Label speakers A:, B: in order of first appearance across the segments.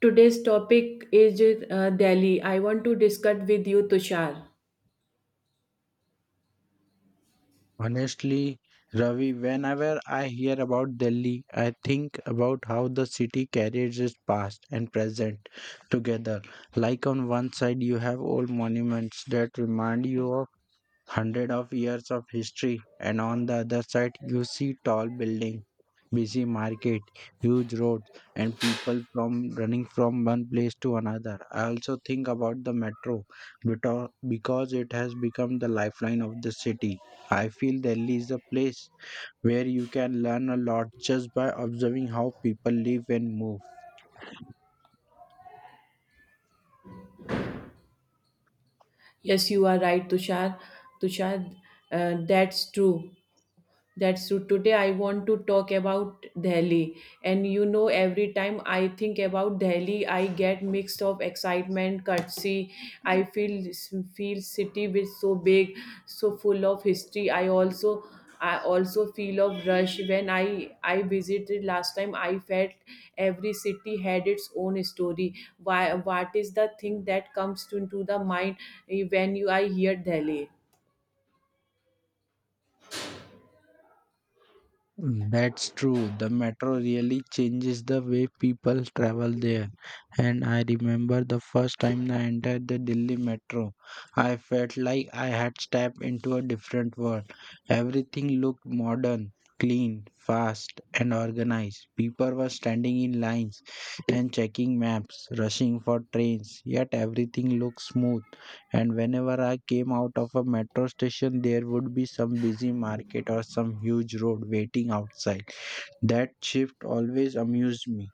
A: Today's topic is Delhi. I want to discuss with you, Tushar.
B: Honestly, Ravi, whenever I hear about Delhi, I think about how the city carries its past and present together. Like on one side, you have old monuments that remind you of hundreds of years of history, and on the other side, you see tall buildings busy market, huge roads, and people from running from one place to another. I also think about the metro because it has become the lifeline of the city. I feel Delhi is a place where you can learn a lot just by observing how people live and move.
A: Yes, you are right, Tushar. Tushar, that's true. That's so today I want to talk about Delhi. And you know, every time I think about Delhi, I get mixed of excitement, courtesy. I feel city which so big, so full of history. I also feel of rush when I visited last time. I felt every city had its own story. Why? What is the thing that comes into the mind when you I hear Delhi?
B: That's true. The metro really changes the way people travel there. And I remember the first time I entered the Delhi metro. I felt like I had stepped into a different world. Everything looked modern, clean, fast, and organized. People were standing in lines and checking maps, rushing for trains, yet everything looked smooth. And whenever I came out of a metro station, there would be some busy market or some huge road waiting outside. That shift always amused me.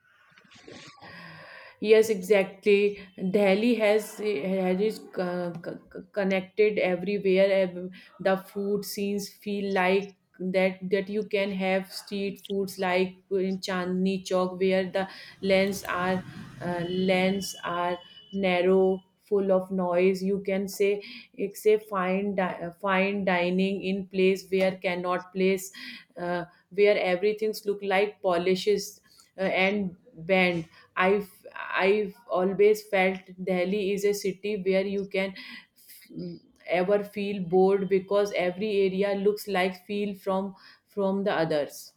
A: Yes, exactly. Delhi has is connected everywhere. The food scenes feel like that you can have street foods like in Chandni Chowk where the lanes are lanes are narrow, full of noise. You can say it's a fine dining in place where cannot place uh, where everything's look like polishes and bent I've I've always felt Delhi is a city where you can ever feel bored because every area looks like feel from the others.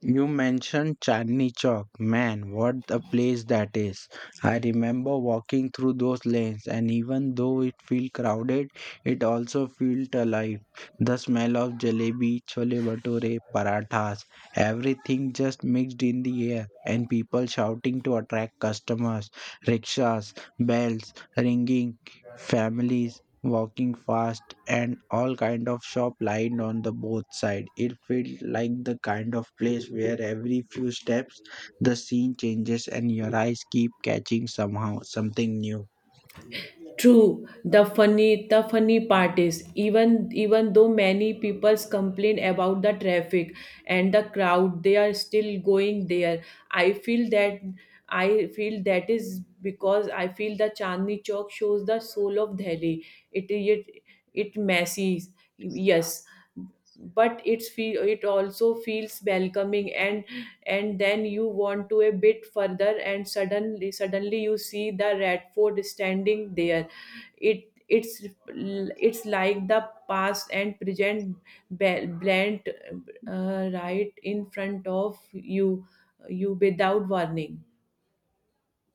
B: You mentioned Chandni Chowk. Man, what a place that is. I remember walking through those lanes and even though it felt crowded, it also felt alive. The smell of jalebi, chole bhature, parathas, everything just mixed in the air and people shouting to attract customers, rickshaws, bells ringing, families walking fast and all kind of shop lined on the both side. It felt like the kind of place where every few steps the scene changes and your eyes keep catching somehow something new.
A: True. The funny part is even though many people complain about the traffic and the crowd, they are still going there. I feel that I feel that is because I feel the Chandni Chowk shows the soul of Delhi. It it it messes. Yes, but it also feels welcoming, and then you want to a bit further, and suddenly you see the Red Fort standing there. It's like the past and present blend right in front of you without warning.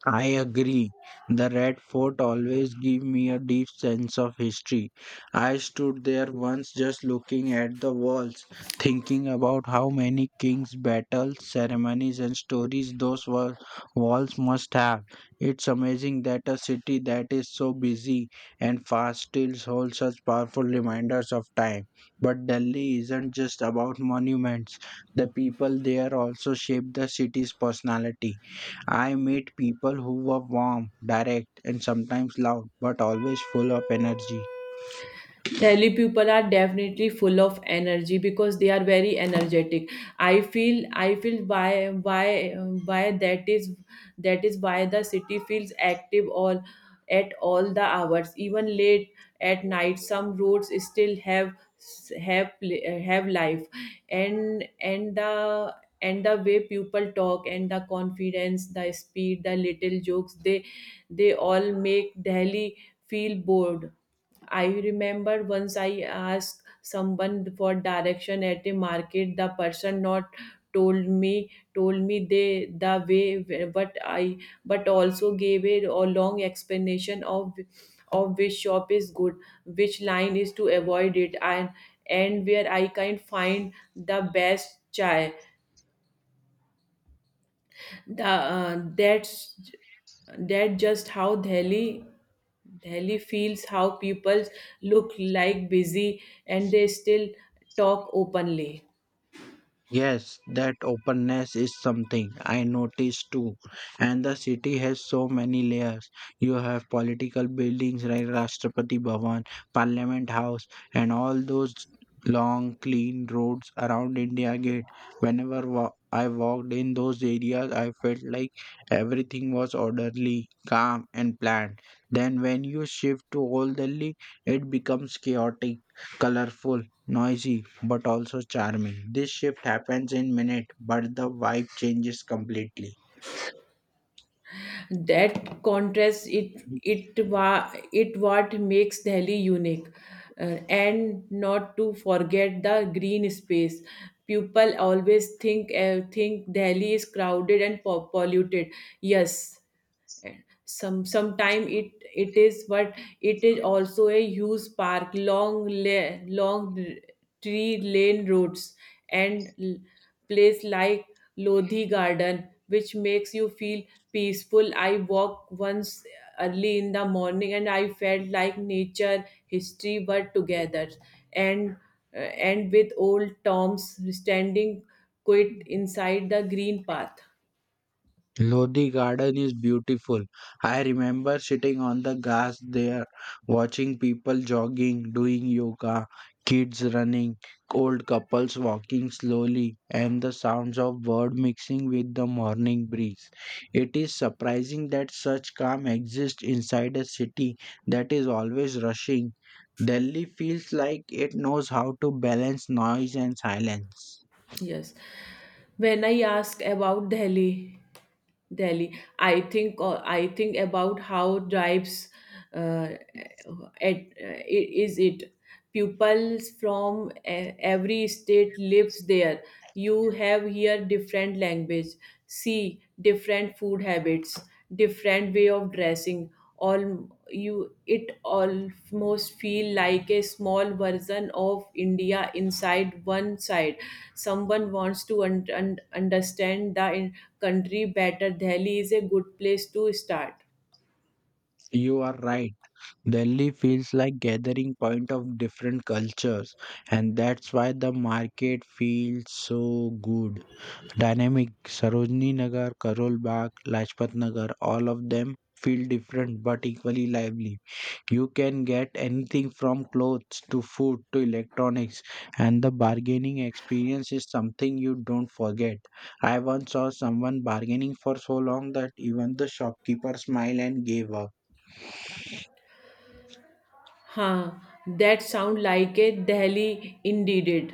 B: I agree. The Red Fort always gave me a deep sense of history. I stood there once just looking at the walls, thinking about how many kings, battles, ceremonies, and stories those walls must have. It's amazing that a city that is so busy and fast still holds such powerful reminders of time. But Delhi isn't just about monuments, the people there also shape the city's personality. I met people who were warm, direct, and sometimes loud, but always full of energy.
A: Delhi people are definitely full of energy because they are very energetic. I feel why that is why the city feels active all at all the hours, even late at night. Some roads still have have life, and the way people talk, and the confidence, the speed, the little jokes, they all make Delhi feel bored. I remember once I asked someone for direction at a market. The person not told me they the way, but I but also gave a long explanation of which shop is good, which line is to avoid it, and where I can find the best chai. The, that's That just how Delhi feels. How people look like busy and they still talk openly.
B: Yes, that openness is something I noticed too. And the city has so many layers. You have political buildings like Rashtrapati Bhavan, Parliament House, and all those long, clean roads around India Gate. I walked in those areas, I felt like everything was orderly, calm, and planned. Then, when you shift to Old Delhi, it becomes chaotic, colorful noisy but also charming. This shift happens in minutes, but the vibe changes completely.
A: That contrast it what makes Delhi unique. And not to forget the green space. People always think Delhi is crowded and polluted. Yes, and sometime it is, but it is also a huge park, long la- long r- tree lane roads, and place like Lodhi Garden, which makes you feel peaceful. I walked once early in the morning and I felt like nature, history were together, and and with old toms standing quite inside the green path.
B: Lodi Garden is beautiful. I remember sitting on the grass there, watching people jogging, doing yoga, kids running, old couples walking slowly, and the sounds of bird mixing with the morning breeze. It is surprising that such calm exists inside a city that is always rushing. Delhi feels like it knows how to balance noise and silence.
A: Yes. When I ask about Delhi, I think about how drives uh, is it pupils from every state lives there. You have here different language, see different food habits, different way of dressing all you. It almost feel like a small version of India inside one side. Someone wants to understand the country better, Delhi is a good place to start.
B: You are right. Delhi feels like gathering point of different cultures and that's why the market feels so good. Dynamic Sarojini Nagar, Karol Bagh, Lajpat Nagar, all of them feel different but equally lively. You can get anything from clothes to food to electronics and the bargaining experience is something you don't forget. I once saw someone bargaining for so long that even the shopkeeper smiled and gave up.
A: Huh, that sound like a Delhi indeed. It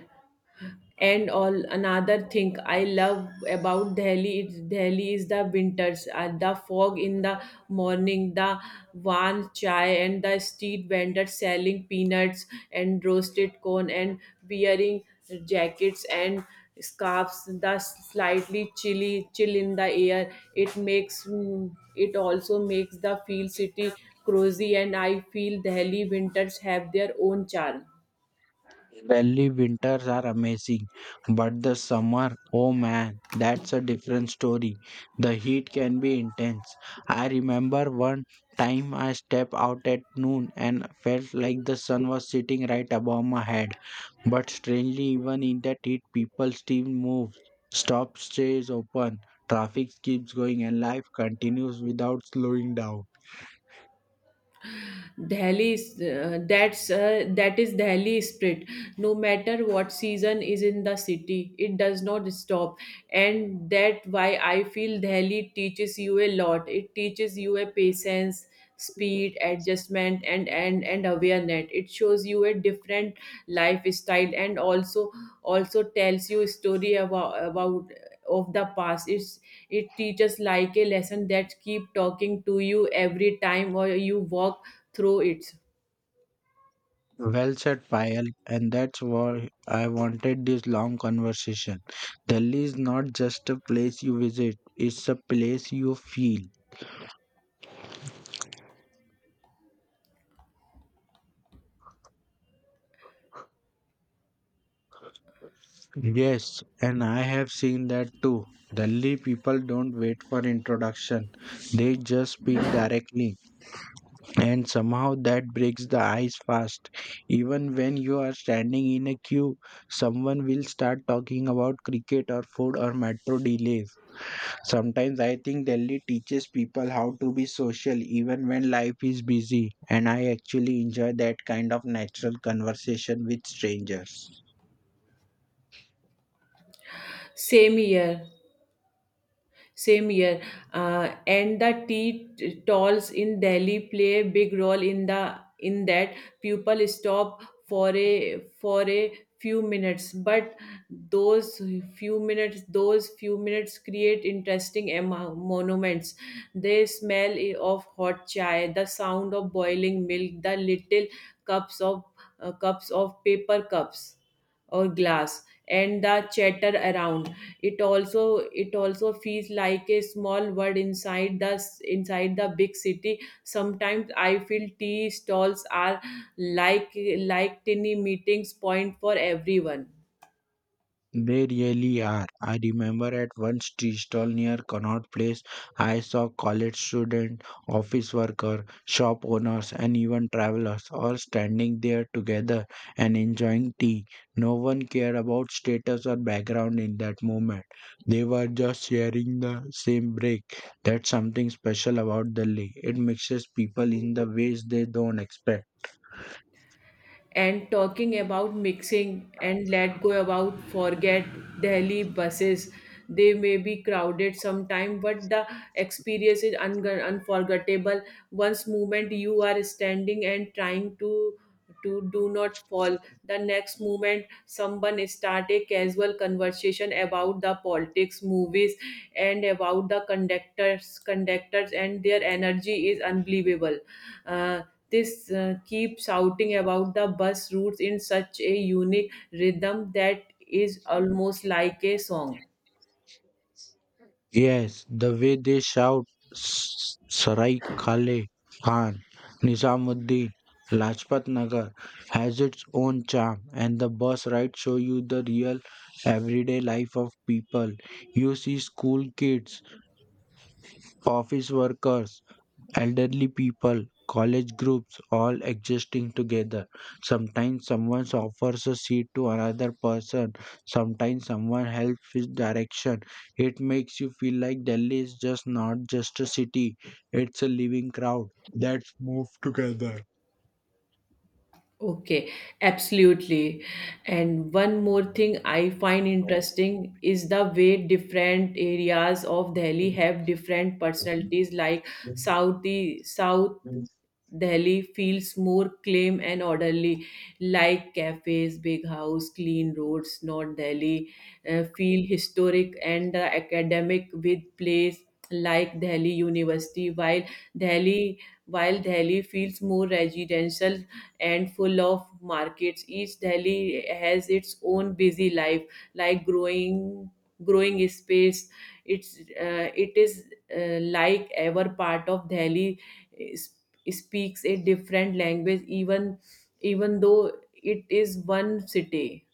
A: and all, another thing I love about Delhi, it's Delhi is the winters. The fog in the morning, the warm chai, and the street vendors selling peanuts and roasted corn, and wearing jackets and scarves, the slightly chill in the air, it makes it also makes the feel city cozy, and I feel Delhi winters have their own charm.
B: Delhi winters are amazing, but the summer, oh man, that's a different story. The heat can be intense. I remember one time I stepped out at noon and felt like the sun was sitting right above my head. But strangely, even in that heat, people still move. Stop stays open, traffic keeps going, and life continues without slowing down.
A: Delhi, that's That is Delhi spirit. No matter what season is in the city, it does not stop, and that why I feel Delhi teaches you a lot. It teaches you a patience, speed, adjustment, and awareness. It shows you a different lifestyle, and also tells you a story about of the past. It teaches like a lesson that keep talking to you every time or you walk through its.
B: Well said, Payal, and that's why I wanted this long conversation. Delhi is not just a place you visit, it's a place you feel. Yes, and I have seen that too. Delhi people don't wait for introduction, they just speak directly, and somehow that breaks the ice fast. Even when you are standing in a queue, someone will start talking about cricket or food or metro delays. Sometimes I think Delhi teaches people how to be social even when life is busy, and I actually enjoy that kind of natural conversation with strangers.
A: Same year, same year. And the stalls in Delhi play a big role in the in that. People stop for a few minutes, but those those few minutes create interesting monuments. The smell of hot chai, the sound of boiling milk, the little cups of cups of paper cups or glass, and the chatter around. it also it also feels like a small world inside the big city. Sometimes I feel tea stalls are like like tiny meetings point for everyone.
B: They really are. I remember at one tea stall near Connaught Place, I saw college students, office workers, shop owners, and even travelers all standing there together and enjoying tea. No one cared about status or background in that moment. They were just sharing the same break. That's something special about the lake. It mixes people in the ways they don't expect.
A: And talking about mixing and let go about forget Delhi buses. They may be crowded sometime, but the experience is unforgettable. Once moment you are standing and trying to do not fall. The next moment, someone start a casual conversation about the politics, movies, and about the conductors, and their energy is unbelievable. Uh, this Keep shouting about the bus routes in such a unique rhythm that is almost like a song.
B: Yes, the way they shout Sarai Khale Khan, Nizamuddin, Lajpat Nagar" has its own charm, and the bus rides show you the real everyday life of people. You see school kids, office workers, elderly people, college groups, all existing together. Sometimes someone offers a seat to another person, sometimes someone helps with direction. It makes you feel like Delhi is just not just a city, it's a living crowd that's moved together.
A: Okay, absolutely. And one more thing I find interesting is the way different areas of Delhi have different personalities, like South, South Delhi feels more clean and orderly, like cafes, big house, clean roads. North Delhi feel historic and academic with place like Delhi University, Delhi while Delhi feels more residential and full of markets. Each Delhi has its own busy life, like growing space. It is like ever part of is, speaks a different language, even though it is one city.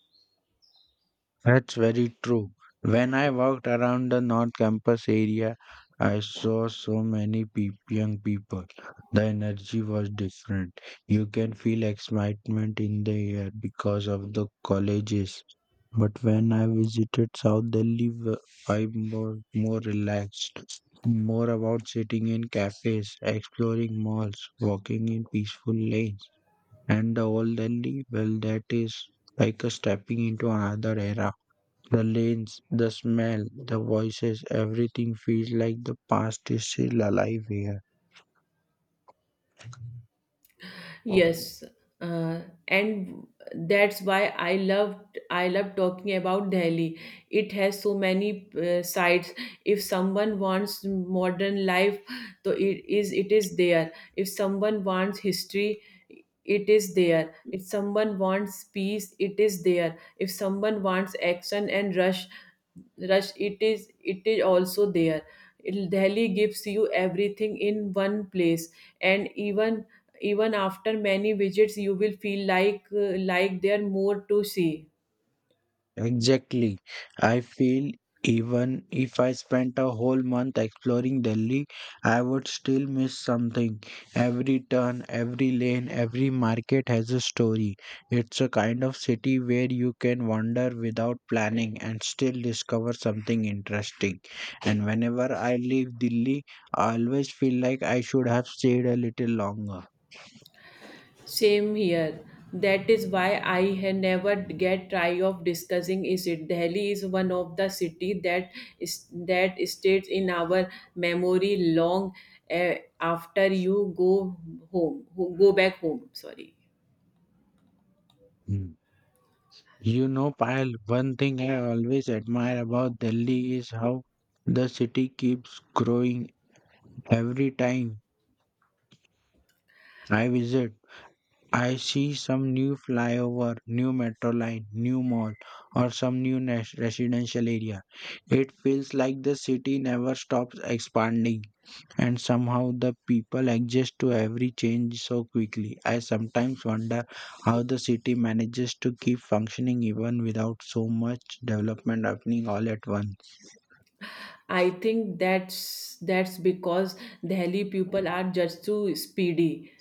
B: That's very true. When I walked around the North Campus area, I saw so many peop young people. The energy was different. You can feel excitement in the air because of the colleges. But when I visited South Delhi, I was more relaxed, more about sitting in cafes, exploring malls, walking in peaceful lanes. And the old Delhi, well, that is like a stepping into another era. The lanes, the smell, the voices, everything feels like the past is still alive here.
A: Yes, uh, and that's why I love talking about Delhi. It has so many sides. If someone wants modern life, so it is there. If someone wants history, it is there. If someone wants peace, it is there. If someone wants action and rush, it is also there. Delhi gives you everything in one place, and even after many visits you will feel like there are more to see.
B: Exactly. I feel even if I spent a whole month exploring Delhi, I would still miss something. Every turn, every lane, every market has a story. It's a kind of city where you can wander without planning and still discover something interesting. And whenever I leave Delhi, I always feel like I should have stayed a little longer.
A: Same here. That is why I had never get tired of discussing is it. Delhi is one of the city that is that stays in our memory long, uh, after you go home go back home, sorry.
B: Hmm. You know, Payal, one thing I always admire about Delhi is how the city keeps growing. Every time I visit, I see some new flyover, new metro line, new mall, or some residential area. It feels like the city never stops expanding. And somehow the people adjust to every change so quickly. I sometimes wonder how the city manages to keep functioning even without so much development happening all at once.
A: I think that's because Delhi people are just too speedy.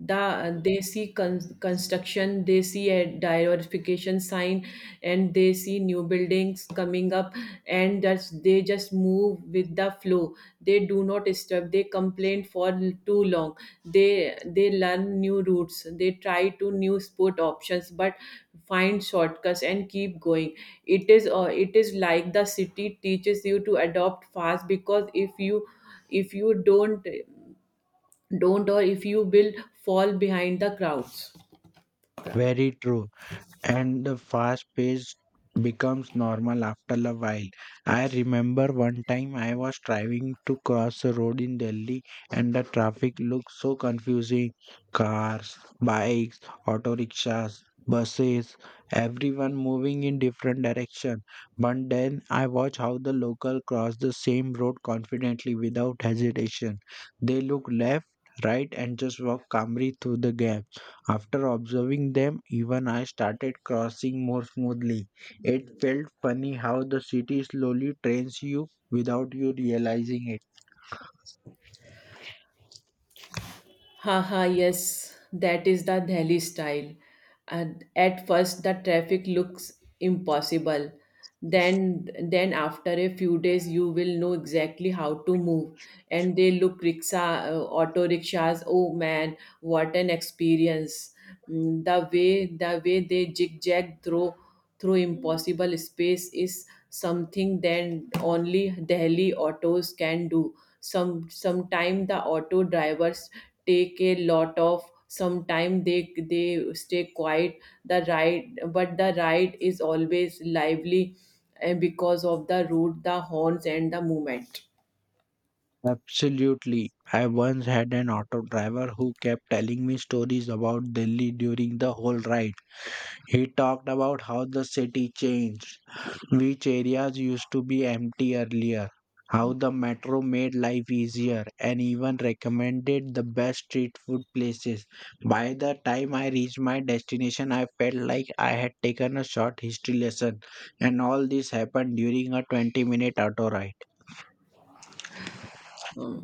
A: They see construction, they see a diversification sign, and they see new buildings coming up, and that's they just move with the flow. They do not disturb, they complain for too long. They learn new routes, they try to new sport options, but find shortcuts and keep going. It is it is like the city teaches you to adopt fast, because if you don't, or if you will, fall behind the crowds.
B: Very true. And the fast pace becomes normal after a while. I remember one time I was driving to cross a road in Delhi and the traffic looked so confusing. Cars, bikes, auto rickshaws, buses, everyone moving in different direction. But then I watch how the local cross the same road confidently without hesitation. They look left, right and just walk calmly through the gap. After observing them, even I started crossing more smoothly. It felt funny how the city slowly trains you without you realizing it.
A: Haha, yes, that is the Delhi style. And at first, the traffic looks impossible. Then after a few days, you will know exactly how to move. And they look auto rickshaws. Oh man, what an experience! The the way they zigzag through impossible space is something that only Delhi autos can do. Sometime the auto drivers take a lot of sometime. They stay quiet the ride is always lively, and because of the route, the horns, and the movement.
B: Absolutely. I once had an auto driver who kept telling me stories about Delhi during the whole ride. He talked about how the city changed, which areas used to be empty earlier, how the metro made life easier, and even recommended the best street food places. By the time I reached my destination, I felt like I had taken a short history lesson, and all this happened during a 20-minute auto ride.
A: Hmm.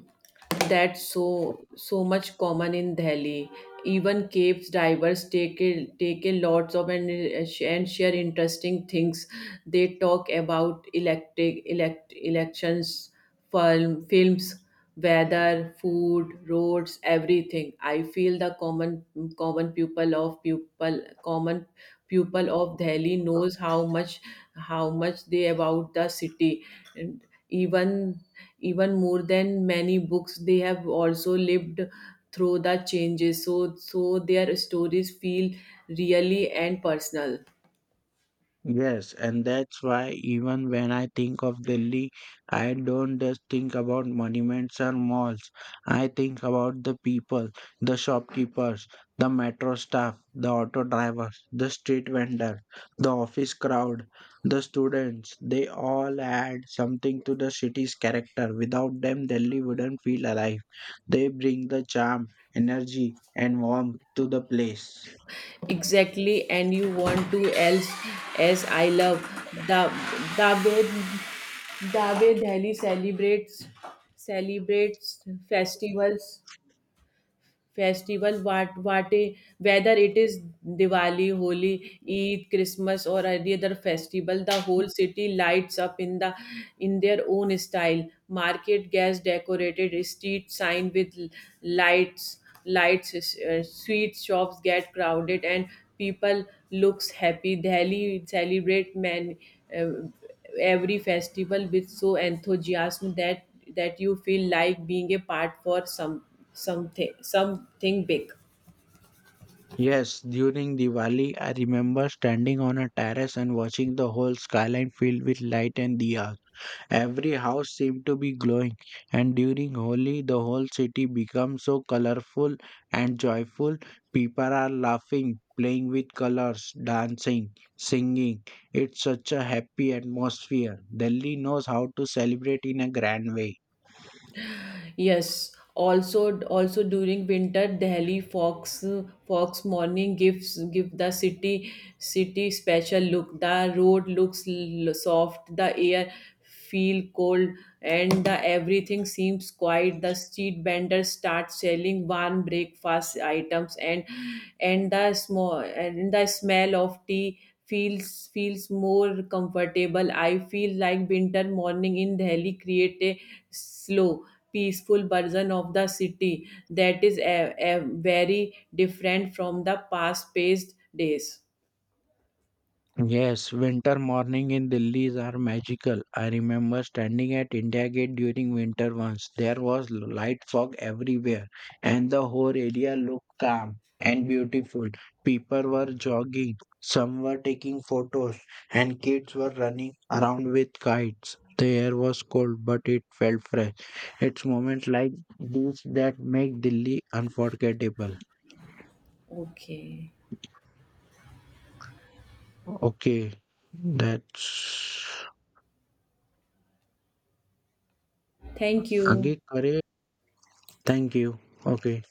A: That's so much common in Delhi. Even caves divers take a lots of, and share interesting things. They talk about electric elect elections, films, weather, food, roads, everything. I feel the common pupil of pupil common pupil of Delhi knows how much they about the city. And even even more than many books, they have also lived through the changes, so their stories feel really and personal.
B: Yes, and that's why even when I think of Delhi, I don't just think about monuments or malls. I think about the people, the shopkeepers, the metro staff, the auto drivers, the street vendor, the office crowd, the students. They all add something to the city's character. Without them, Delhi wouldn't feel alive. They bring the charm, energy, and warmth to the place.
A: Exactly, and you want to else, as I love the the way the way Delhi celebrates festival. What a, whether it is Diwali, Holi, Eid, Christmas, or any other festival, the whole city lights up in the in their own style. Market gas decorated, street signed with lights lights. Sweet shops get crowded, and people looks happy. Delhi celebrate man every festival with so enthusiasm that that you feel like being a part for something big.
B: Yes, during Diwali, I remember standing on a terrace and watching the whole skyline filled with light and diyas. Every house seemed to be glowing, and during Holi, the whole city becomes so colorful and joyful. People are laughing, playing with colors, dancing, singing. It's such a happy atmosphere. Delhi knows how to celebrate in a grand way.
A: Yes, also during winter, Delhi fox morning give the city special look. The road looks soft, the air feel cold, and the everything seems quiet. The street vendors start selling warm breakfast items, and the small and the smell of tea feels more comfortable. I feel like winter morning in Delhi create a slow peaceful version of the city that is a very different from the past paced days.
B: Yes, winter morning in Delhi's are magical. I remember standing at India Gate during winter once. There was light fog everywhere, and the whole area looked calm and beautiful. People were jogging, some were taking photos, and kids were running around with kites. The air was cold, but it felt fresh. It's moments like these that make Delhi unforgettable.
A: Okay,
B: Okay, that's
A: thank you.
B: Angit Kare. Thank you. Okay.